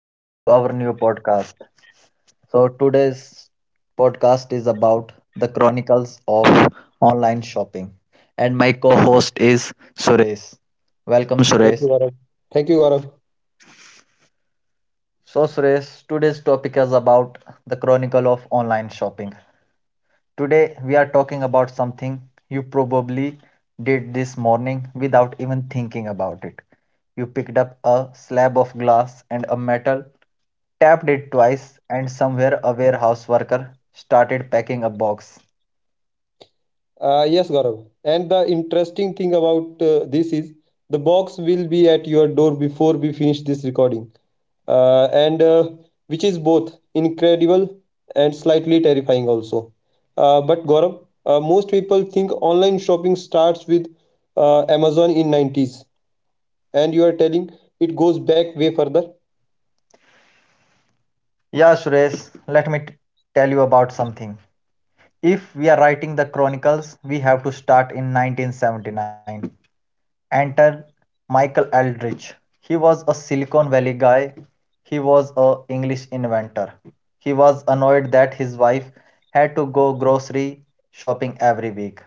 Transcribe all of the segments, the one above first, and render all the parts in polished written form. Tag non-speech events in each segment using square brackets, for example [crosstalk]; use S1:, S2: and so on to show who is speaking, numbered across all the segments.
S1: Welcome to our new podcast. So, today's podcast is about the chronicles of online shopping. And my co host is Suresh. Welcome, Suresh.
S2: Thank you, Gaurav. Thank you, Gaurav.
S1: So, Suresh, today's topic is about the chronicle of online shopping. Today we are talking about something you probably did this morning without even thinking about it. You picked up a slab of glass and a metal, tapped it twice, and somewhere a warehouse worker started packing a box.
S2: Yes, Gaurav. And the interesting thing about this is the box will be at your door before we finish this recording, and which is both incredible and slightly terrifying also. But Gaurav, most people think online shopping starts with Amazon in 90s, and you are telling it goes back way further.
S1: Yeah, Suresh, let me tell you about something. If we are writing the chronicles, we have to start in 1979. Enter Michael Eldridge. He was a Silicon Valley guy. He was a English inventor. He was annoyed that his wife had to go grocery shopping every week.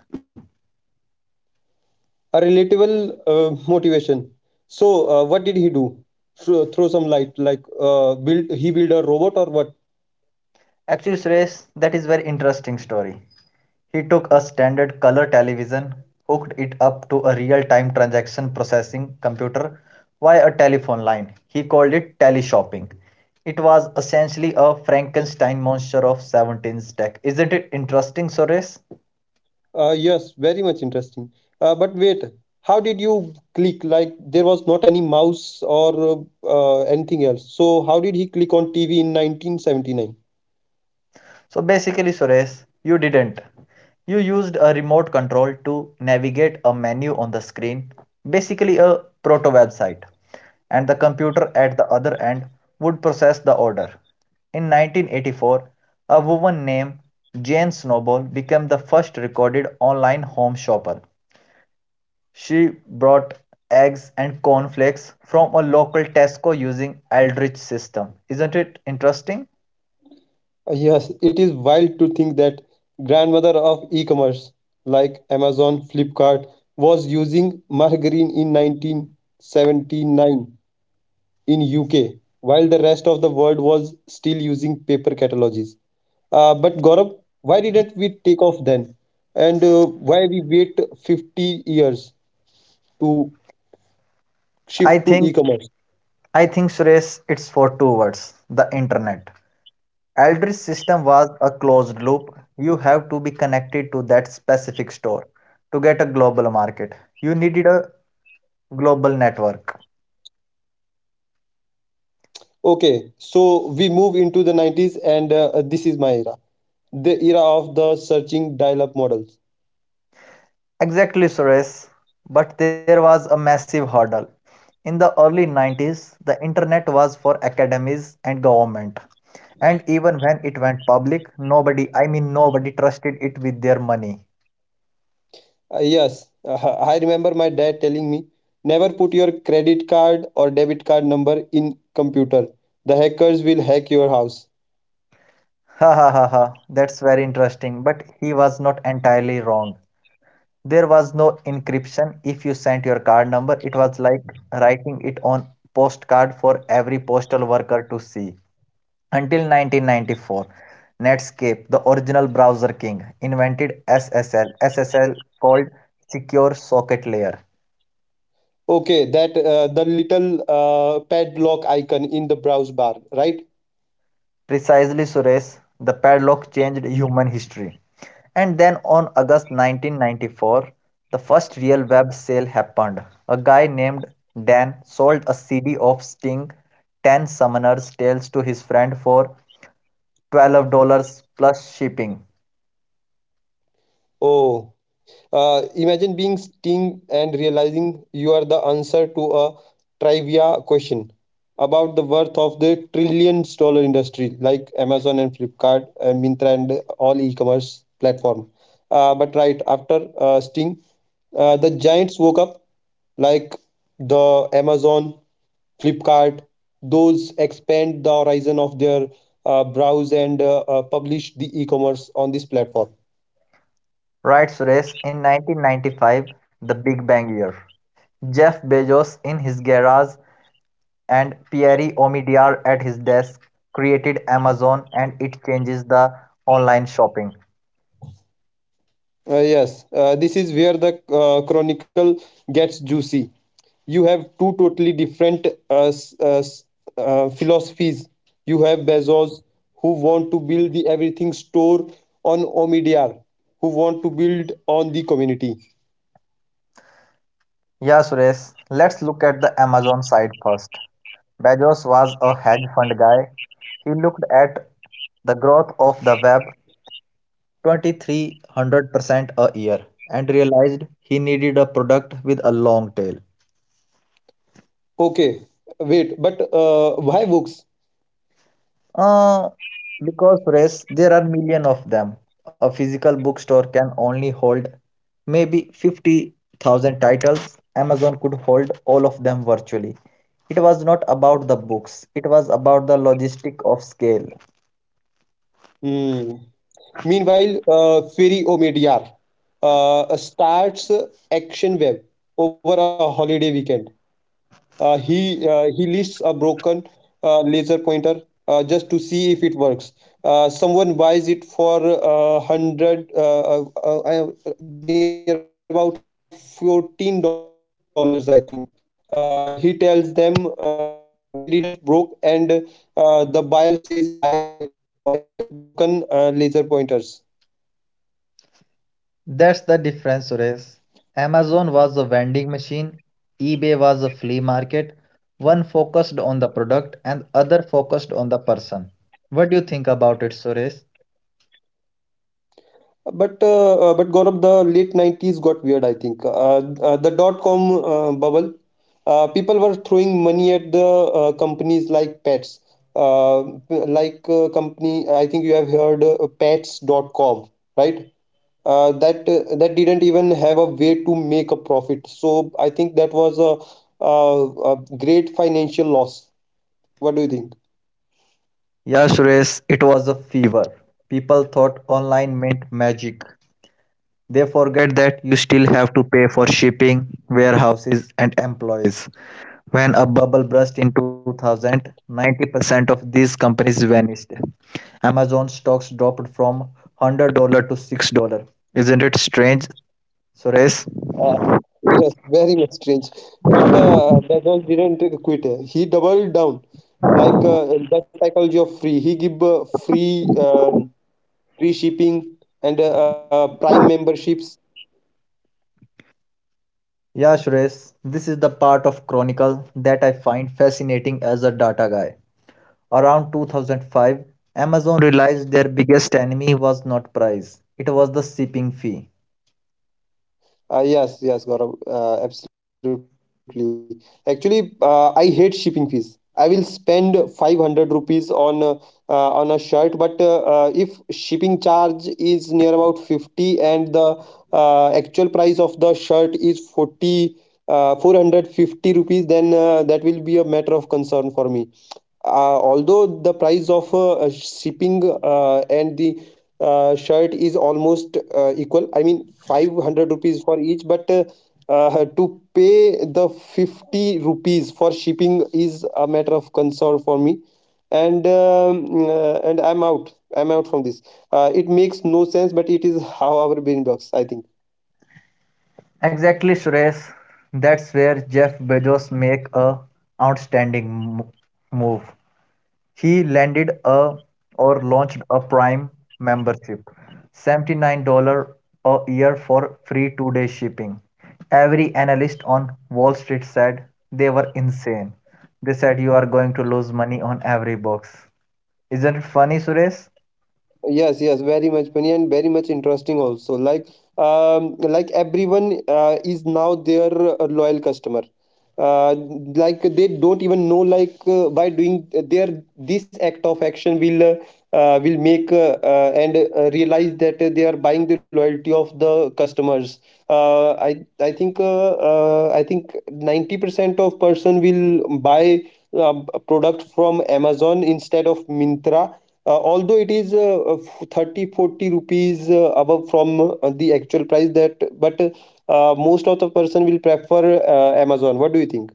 S2: A relatable motivation. So, what did he do? Throw some light, like build a robot or what?
S1: Actually, Suresh, that is very interesting story. He took a standard color television, hooked it up to a real time transaction processing computer via a telephone line. He called it teleshopping. It was essentially a Frankenstein monster of 17's tech. Isn't it interesting, Suresh?
S2: Yes, very much interesting. But wait, how did you click? Like there was not any mouse or anything else. So how did he click on TV in 1979?
S1: So basically, Suresh, you didn't. You used a remote control to navigate a menu on the screen, basically, a proto website. And the computer at the other end would process the order. In 1984, a woman named Jane Snowball became the first recorded online home shopper. She brought eggs and cornflakes from a local Tesco using Eldritch system. Isn't it interesting?
S2: Yes, it is wild to think that grandmother of e-commerce like Amazon, Flipkart was using margarine in 1979 in UK, while the rest of the world was still using paper catalogs. But Gaurav, why didn't we take off then? And why we wait 50 years to
S1: I
S2: shift to
S1: think
S2: e-commerce?
S1: I think Suresh, it's for two words: the internet. Eldridge system was a closed loop. You have to be connected to that specific store to get a global market. You needed a global network.
S2: Okay, so we move into the 90s and this is my era. The era of the searching dial-up models.
S1: Exactly, Suresh. But there was a massive hurdle. In the early 90s, the internet was for academies and government. And even when it went public, nobody, I mean, nobody trusted it with their money.
S2: Yes, [laughs] I remember my dad telling me, never put your credit card or debit card number in computer. The hackers will hack your house.
S1: Ha ha ha ha, that's very interesting. But he was not entirely wrong. There was no encryption. If you sent your card number, it was like writing it on postcard for every postal worker to see. Until 1994, Netscape, the original browser king, invented SSL, called Secure Socket Layer.
S2: Okay, that the little padlock icon in the browse bar, right?
S1: Precisely, Suresh, the padlock changed human history. And then on August 1994, the first real web sale happened. A guy named Dan sold a CD of Sting 10 Summoner's Tales to his friend for $12 plus shipping.
S2: Oh, imagine being Sting and realizing you are the answer to a trivia question about the worth of the trillions dollar industry like Amazon and Flipkart and Mintra and all e-commerce platform. But right after Sting, the giants woke up like the Amazon, Flipkart, those expand the horizon of their browse and publish the e-commerce on this platform.
S1: Right, Suresh, in 1995, the Big Bang Year. Jeff Bezos in his garage and Pierre Omidyar at his desk created Amazon and it changes the online shopping.
S2: Yes, this is where the chronicle gets juicy. You have two totally different philosophies. You have Bezos, who want to build the everything store on Omidyar who want to build on the community.
S1: Yeah, Suresh, let's look at the Amazon side first. Bezos was a hedge fund guy. He looked at the growth of the web 2300% a year and realized he needed a product with a long tail.
S2: Okay, wait, but why books?
S1: Uh, because press, there are million of them. A physical bookstore can only hold maybe 50,000 titles. Amazon could hold all of them virtually. It was not about the books, it was about the logistic of scale.
S2: Hmm. Meanwhile, Ferry Omidyar starts Action Web over a holiday weekend. He lists a broken laser pointer just to see if it works. Someone buys it for hundred near about $14, I think. He tells them they didn't broke, and the buyer says, "I No, I collect broken laser pointers."
S1: That's the difference, Suresh. Amazon was a vending machine, eBay was a flea market. One focused on the product and other focused on the person. What do you think about it, Suresh?
S2: But Gaurav, the late 90s got weird, I think. Dot com bubble, people were throwing money at the companies like Pets. Uh, Company, I think you have heard pets.com, right? That didn't even have a way to make a profit. So I think that was a great financial loss. What do you think?
S1: Yeah, Suresh, it was a fever. People thought online meant magic. They forget that you still have to pay for shipping, warehouses, and employees. When a bubble burst in 2000, 90% of these companies vanished. Amazon stocks dropped from $100 to $6. Isn't it strange, Suresh?
S2: Uh, yes, very much strange. But Bezos didn't quit. He doubled down, like the psychology of free. He give free free shipping and Prime memberships.
S1: Yeah, Suresh, this is the part of Chronicle that I find fascinating as a data guy. Around 2005, Amazon realized their biggest enemy was not price, it was the shipping fee.
S2: Yes, yes, Gaurav, absolutely. Actually, I hate shipping fees. I will spend 500 rupees on a shirt, but if shipping charge is near about 50 and the actual price of the shirt is 40 450 rupees, then that will be a matter of concern for me, although the price of shipping and the shirt is almost equal, I mean 500 rupees for each, but to pay the 50 rupees for shipping is a matter of concern for me, and I'm out from this. It makes no sense, but it is how our brain works, I think.
S1: Exactly, Suresh. That's where Jeff Bezos make a outstanding move. He landed a or launched a Prime membership, $79 a year for free 2-day shipping. Every analyst on Wall Street said they were insane. They said you are going to lose money on every box. Isn't it funny, Suresh?
S2: Yes, yes, very much funny and very much interesting also. Like like everyone is now their loyal customer. uh like, they don't even know, like by doing their this act of action will make and realize that they are buying the loyalty of the customers. Uh, i i think I think 90% of person will buy a product from Amazon instead of Mintra, although it is 30 40 rupees above from the actual price that, but most of the person will prefer Amazon. What do you think?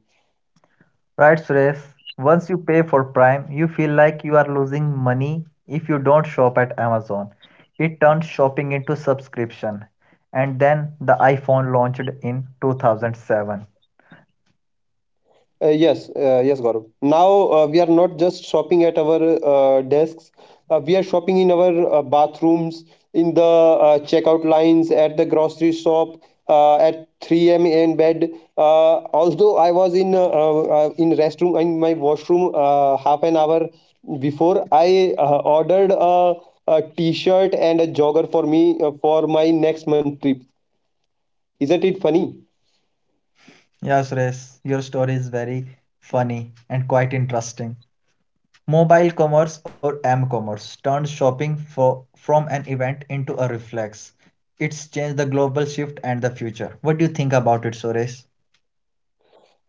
S1: Right, Suresh. Once you pay for Prime, you feel like you are losing money if you don't shop at Amazon. It turns shopping into subscription. And then the iPhone launched in 2007.
S2: Yes, Gaurav. Now we are not just shopping at our desks. We are shopping in our bathrooms, in the checkout lines, at the grocery shop, at 3 a.m. in bed. Although I was in restroom, in my washroom half an hour before, I ordered a t-shirt and a jogger for me for my next month trip. Isn't it funny?
S1: Yeah, Suresh, your story is very funny and quite interesting. Mobile commerce or M commerce turned shopping from an event into a reflex. It's changed the global shift and the future. What do you think about it, Suresh?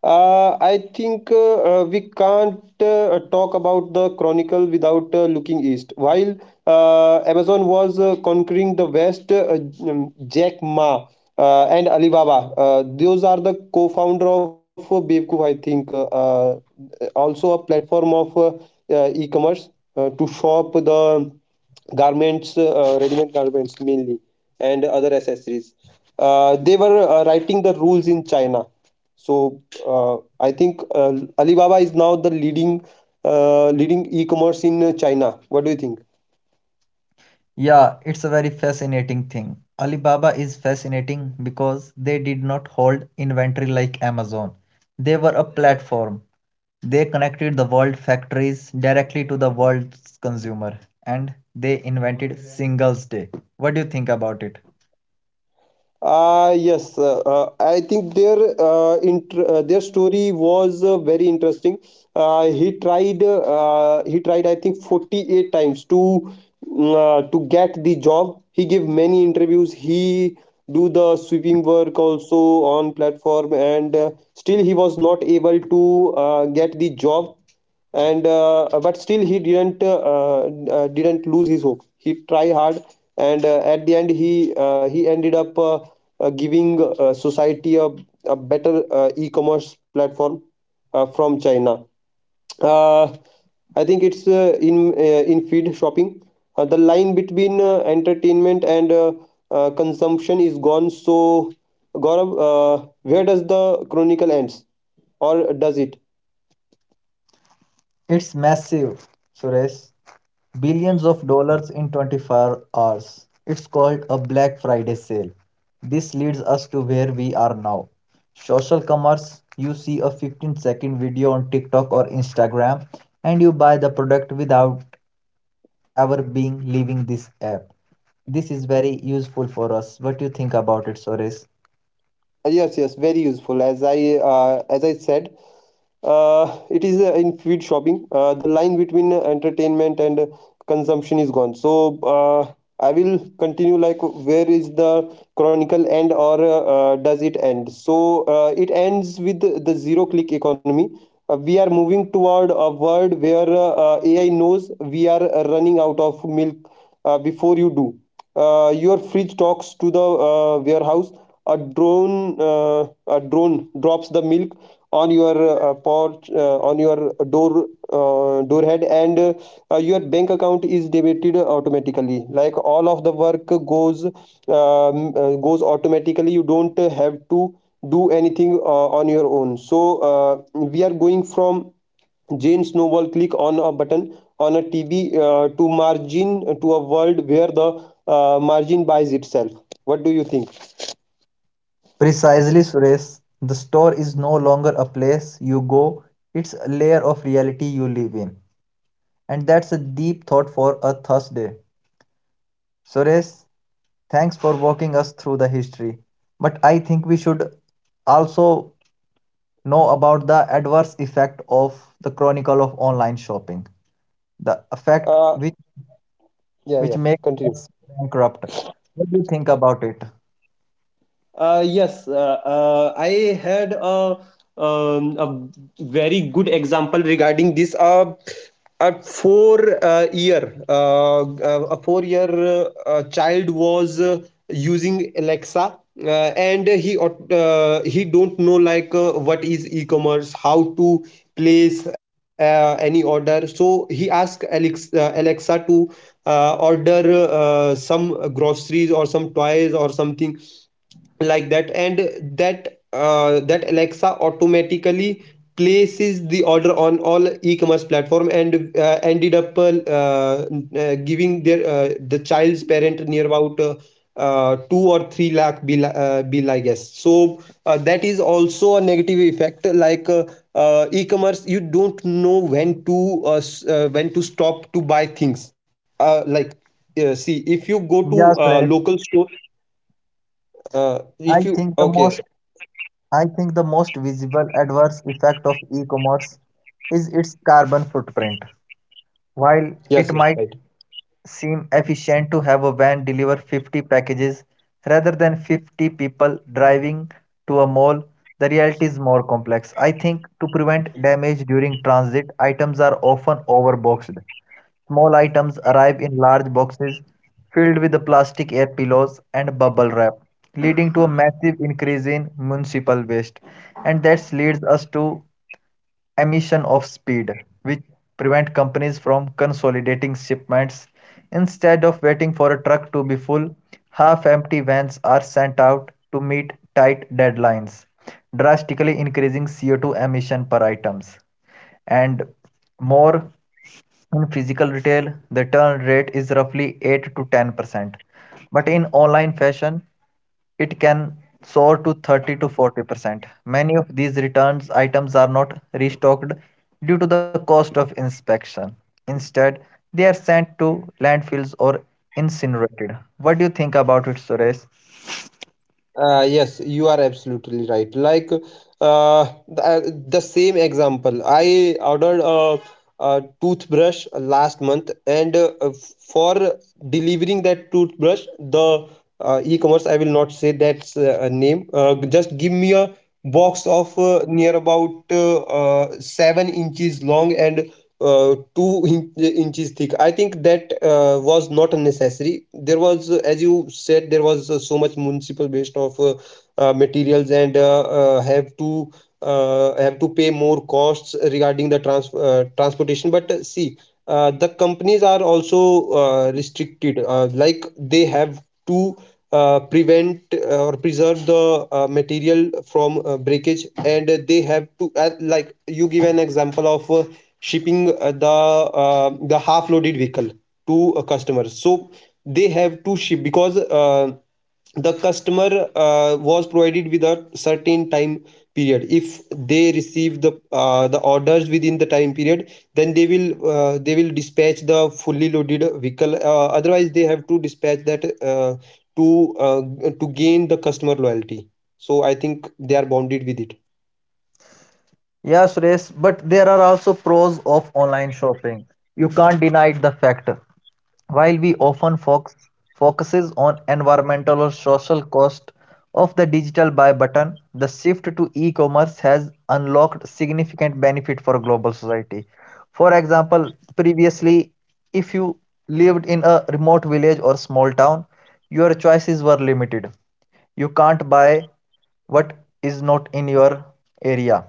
S2: I think we can't talk about the chronicle without looking east. While Amazon was conquering the West, Jack Ma and Alibaba, those are the co-founder of Beevku, I think. Also a platform of e-commerce to shop the garments, ready-made garments mainly, and other accessories. They were writing the rules in China. So I think Alibaba is now the leading e-commerce in China. What do you think?
S1: Yeah, it's a very fascinating thing. Alibaba is fascinating because they did not hold inventory like Amazon. They were a platform. They connected the world factories directly to the world's consumer and they invented Singles Day. What do you think about it?
S2: Yes, I think their their story was very interesting. He tried, I think, 48 times to to get the job. He gave many interviews. He do the sweeping work also on platform, and still he was not able to get the job, and but still he didn't lose his hope. He tried hard, and at the end he ended up giving society a better e-commerce platform from China. Uh, i think it's in feed shopping. The line between entertainment and consumption is gone. So Gaurav, where does the chronicle ends, or does it?
S1: It's massive, Suresh. Billions of dollars in 24 hours. It's called a Black Friday sale. This leads us to where we are now. Social commerce you see a 15-second video on TikTok or Instagram and you buy the product without ever being leaving this app. This is very useful for us. What do you think about it, Suresh?
S2: Yes, yes, very useful. As I said, it is in food shopping. The line between entertainment and consumption is gone. So I will continue, like where is the chronicle end, or does it end? So it ends with the zero click economy. We are moving toward a world where AI knows we are running out of milk before you do. Your fridge talks to the warehouse. a drone uh, a drone drops the milk on your porch, on your door, door head, and your bank account is debited automatically. Like, all of the work goes goes automatically. You don't have to do anything on your own. So we are going from Jane Snowball click on a button on a TV to margin to a world where the margin buys itself. What do you think?
S1: Precisely, Suresh. The store is no longer a place you go, it's a layer of reality you live in. And that's a deep thought for a Thursday. Suresh, thanks for walking us through the history. But I think we should also know about the adverse effect of the chronicle of online shopping, the effect
S2: Uh,
S1: which,
S2: yeah,
S1: which
S2: yeah.
S1: makes
S2: Continue.
S1: us bankrupt. What do you think about it?
S2: Uh, yes, uh, I had um, a very good example regarding this. A four a 4 year child was using Alexa, and he don't know, like what is e-commerce, how to place any order. So he asked Alexa to order some groceries or some toys or something like that, and that Alexa automatically places the order on all e-commerce platform and ended up giving their the child's parent near about 2 or 3 lakh bill, bill, I guess. So that is also a negative effect. Like e-commerce, you don't know when to when to stop to buy things. Like see, if you go to
S1: Yes, Suresh.
S2: local store, if
S1: I
S2: you,
S1: think the
S2: okay.
S1: most I think the most visible adverse effect of e-commerce is its carbon footprint. While
S2: Yes,
S1: it
S2: yes,
S1: might
S2: right.
S1: seem efficient to have a van deliver 50 packages rather than 50 people driving to a mall. The reality is more complex. I think to prevent damage during transit, items are often overboxed. Small items arrive in large boxes filled with the plastic air pillows and bubble wrap, leading to a massive increase in municipal waste. And that leads us to emission of speed, which prevent companies from consolidating shipments. Instead of waiting for a truck to be full, half empty vans are sent out to meet tight deadlines, drastically increasing CO2 emission per items. And more in physical retail, the turn rate is roughly 8 to 10%. But in online fashion, it can soar to 30 to 40%. Many of these returns items are not restocked due to the cost of inspection. Instead, they are sent to landfills or incinerated. What do you think about it, Suresh?
S2: Yes, you are absolutely right. Like the same example, I ordered a toothbrush last month, and for delivering that toothbrush, the e-commerce, I will not say that's a name. Just give me a box of near about 7 inches long and two inches thick. I think that was not necessary. There was, as you said, there was so much municipal waste of materials, and have to pay more costs regarding the transportation. But see, the companies are also restricted. Like, they have to prevent or preserve the material from breakage, and they have to, like you give an example of shipping the half loaded vehicle to a customer. So they have to ship, because the customer was provided with a certain time period. If they receive the orders within the time period, then they will dispatch the fully loaded vehicle, otherwise they have to dispatch that to uh, to gain the customer loyalty. So I think they are bounded with it.
S1: Yeah, Suresh, but there are also pros of online shopping. You can't deny the fact. While we often focuses on environmental or social cost of the digital buy button, the shift to e-commerce has unlocked significant benefit for global society. For example, previously, if you lived in a remote village or small town, your choices were limited. You can't buy what is not in your area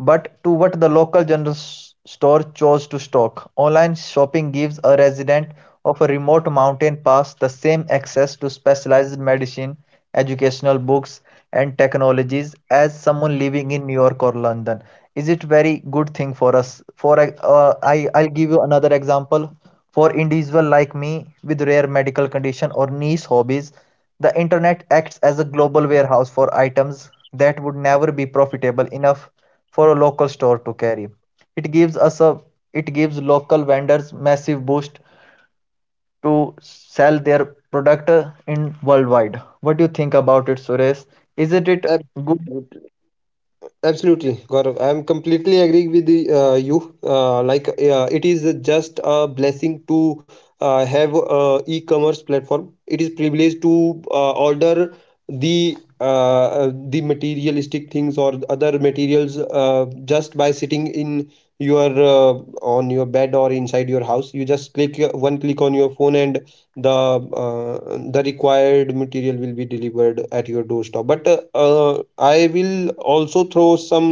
S1: but to what the local general store chose to stock. Online shopping gives a resident of a remote mountain pass the same access to specialized medicine, educational books, and technologies as someone living in New York or London. Is it very good thing for us? I'll give you another example. For individual like me with rare medical condition or niche hobbies, the internet acts as a global warehouse for items that would never be profitable enough for a local store to carry. It gives us a it gives local vendors massive boost to sell their product in worldwide. What do you think about it, Suresh? Isn't it good?
S2: Absolutely. Absolutely, Gaurav. I'm completely agree with you. It is just a blessing to have a e-commerce platform. It is privileged to order the uh, the materialistic things or other materials just by sitting in your on your bed or inside your house. You just click one click on your phone, and the required material will be delivered at your doorstep. But I will also throw some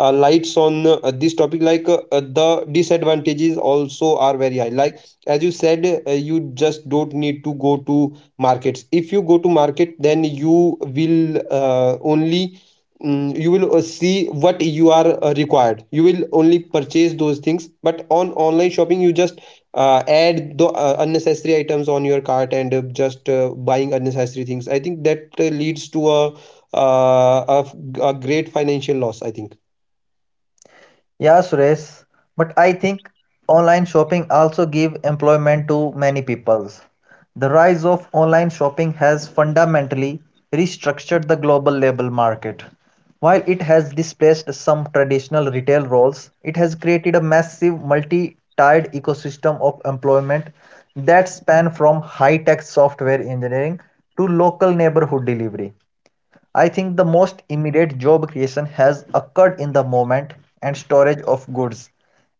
S2: lights on this topic. Like the disadvantages also are very high. Like as you said, you just don't need to go to markets. If you go to market, then you will only mm, you will see what you are required. You will only purchase those things. But on online shopping, you just add the unnecessary items on your cart and just buying unnecessary things. I think that leads to a a great financial loss, I think.
S1: Yeah, Suresh, but I think online shopping also give employment to many peoples. The rise of online shopping has fundamentally restructured the global labor market. While it has displaced some traditional retail roles, it has created a massive multi-tiered ecosystem of employment that span from high-tech software engineering to local neighborhood delivery. I think the most immediate job creation has occurred in the moment and storage of goods,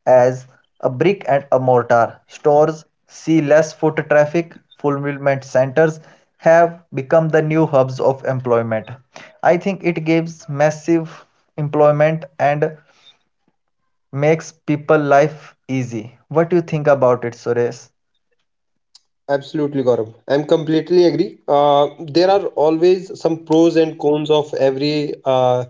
S1: as a brick and a mortar stores see less foot traffic, fulfillment centers have become the new hubs of employment. I think it gives massive employment and makes people life easy. What do you think about it, Suresh?
S2: Absolutely, Gaurav. I'm completely agree. There are always some pros and cons of every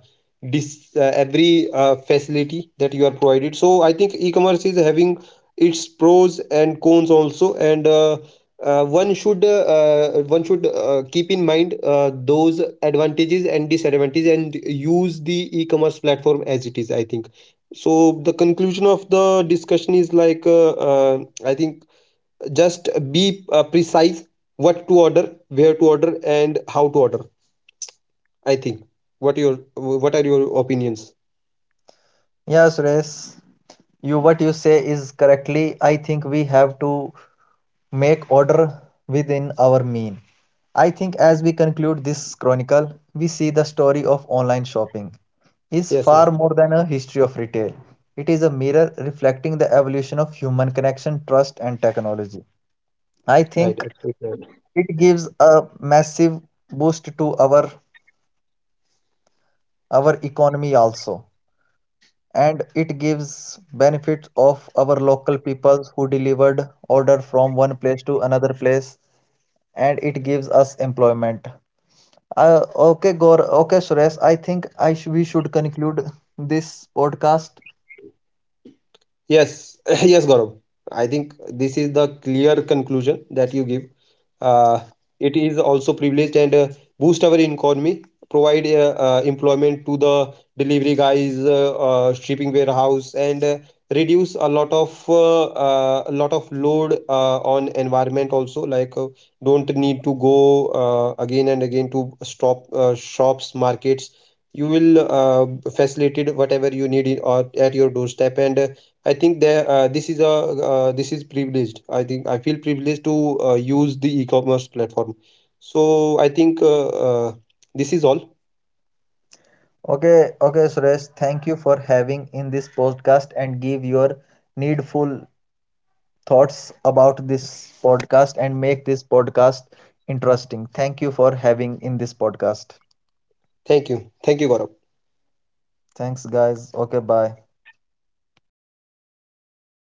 S2: dis every facility that you are provided. So I think e-commerce is having its pros and cons also, and one should keep in mind those advantages and disadvantages and use the e-commerce platform as it is, I think. So the conclusion of the discussion is like I think just be precise what to order, where to order, and how to order, I think. What your, what are your opinions?
S1: Yeah, Suresh, you what you say is correctly. I think we have to make order within our mean. I think as we conclude this chronicle, we see the story of online shopping is
S2: Yes, yes,
S1: far more than a history of retail. It is a mirror reflecting the evolution of human connection, trust, and technology. I
S2: right.
S1: think
S2: Absolutely right.
S1: it gives a massive boost to our economy also. And it gives benefits of our local peoples who delivered order from one place to another place. And it gives us employment. Okay, Gor. Okay, Suresh, I think we should conclude this podcast.
S2: Yes, [laughs] yes, Gaurav. I think this is the clear conclusion that you give. Uh, it is also privileged, and boost our economy, provide employment to the delivery guys, shipping warehouse, and reduce a lot of load on environment also. Like don't need to go again and again to stop shops, markets. You will facilitate whatever you need in, or at your doorstep and. I think that this is privileged. I think I feel privileged to use the e-commerce platform. So I think this is all.
S1: Okay, okay, Suresh, thank you for having in this podcast and give your needful thoughts about this podcast and make this podcast interesting. Thank you for having in this podcast.
S2: Thank you. Thank you, Gaurav.
S1: Thanks, guys. Okay, bye.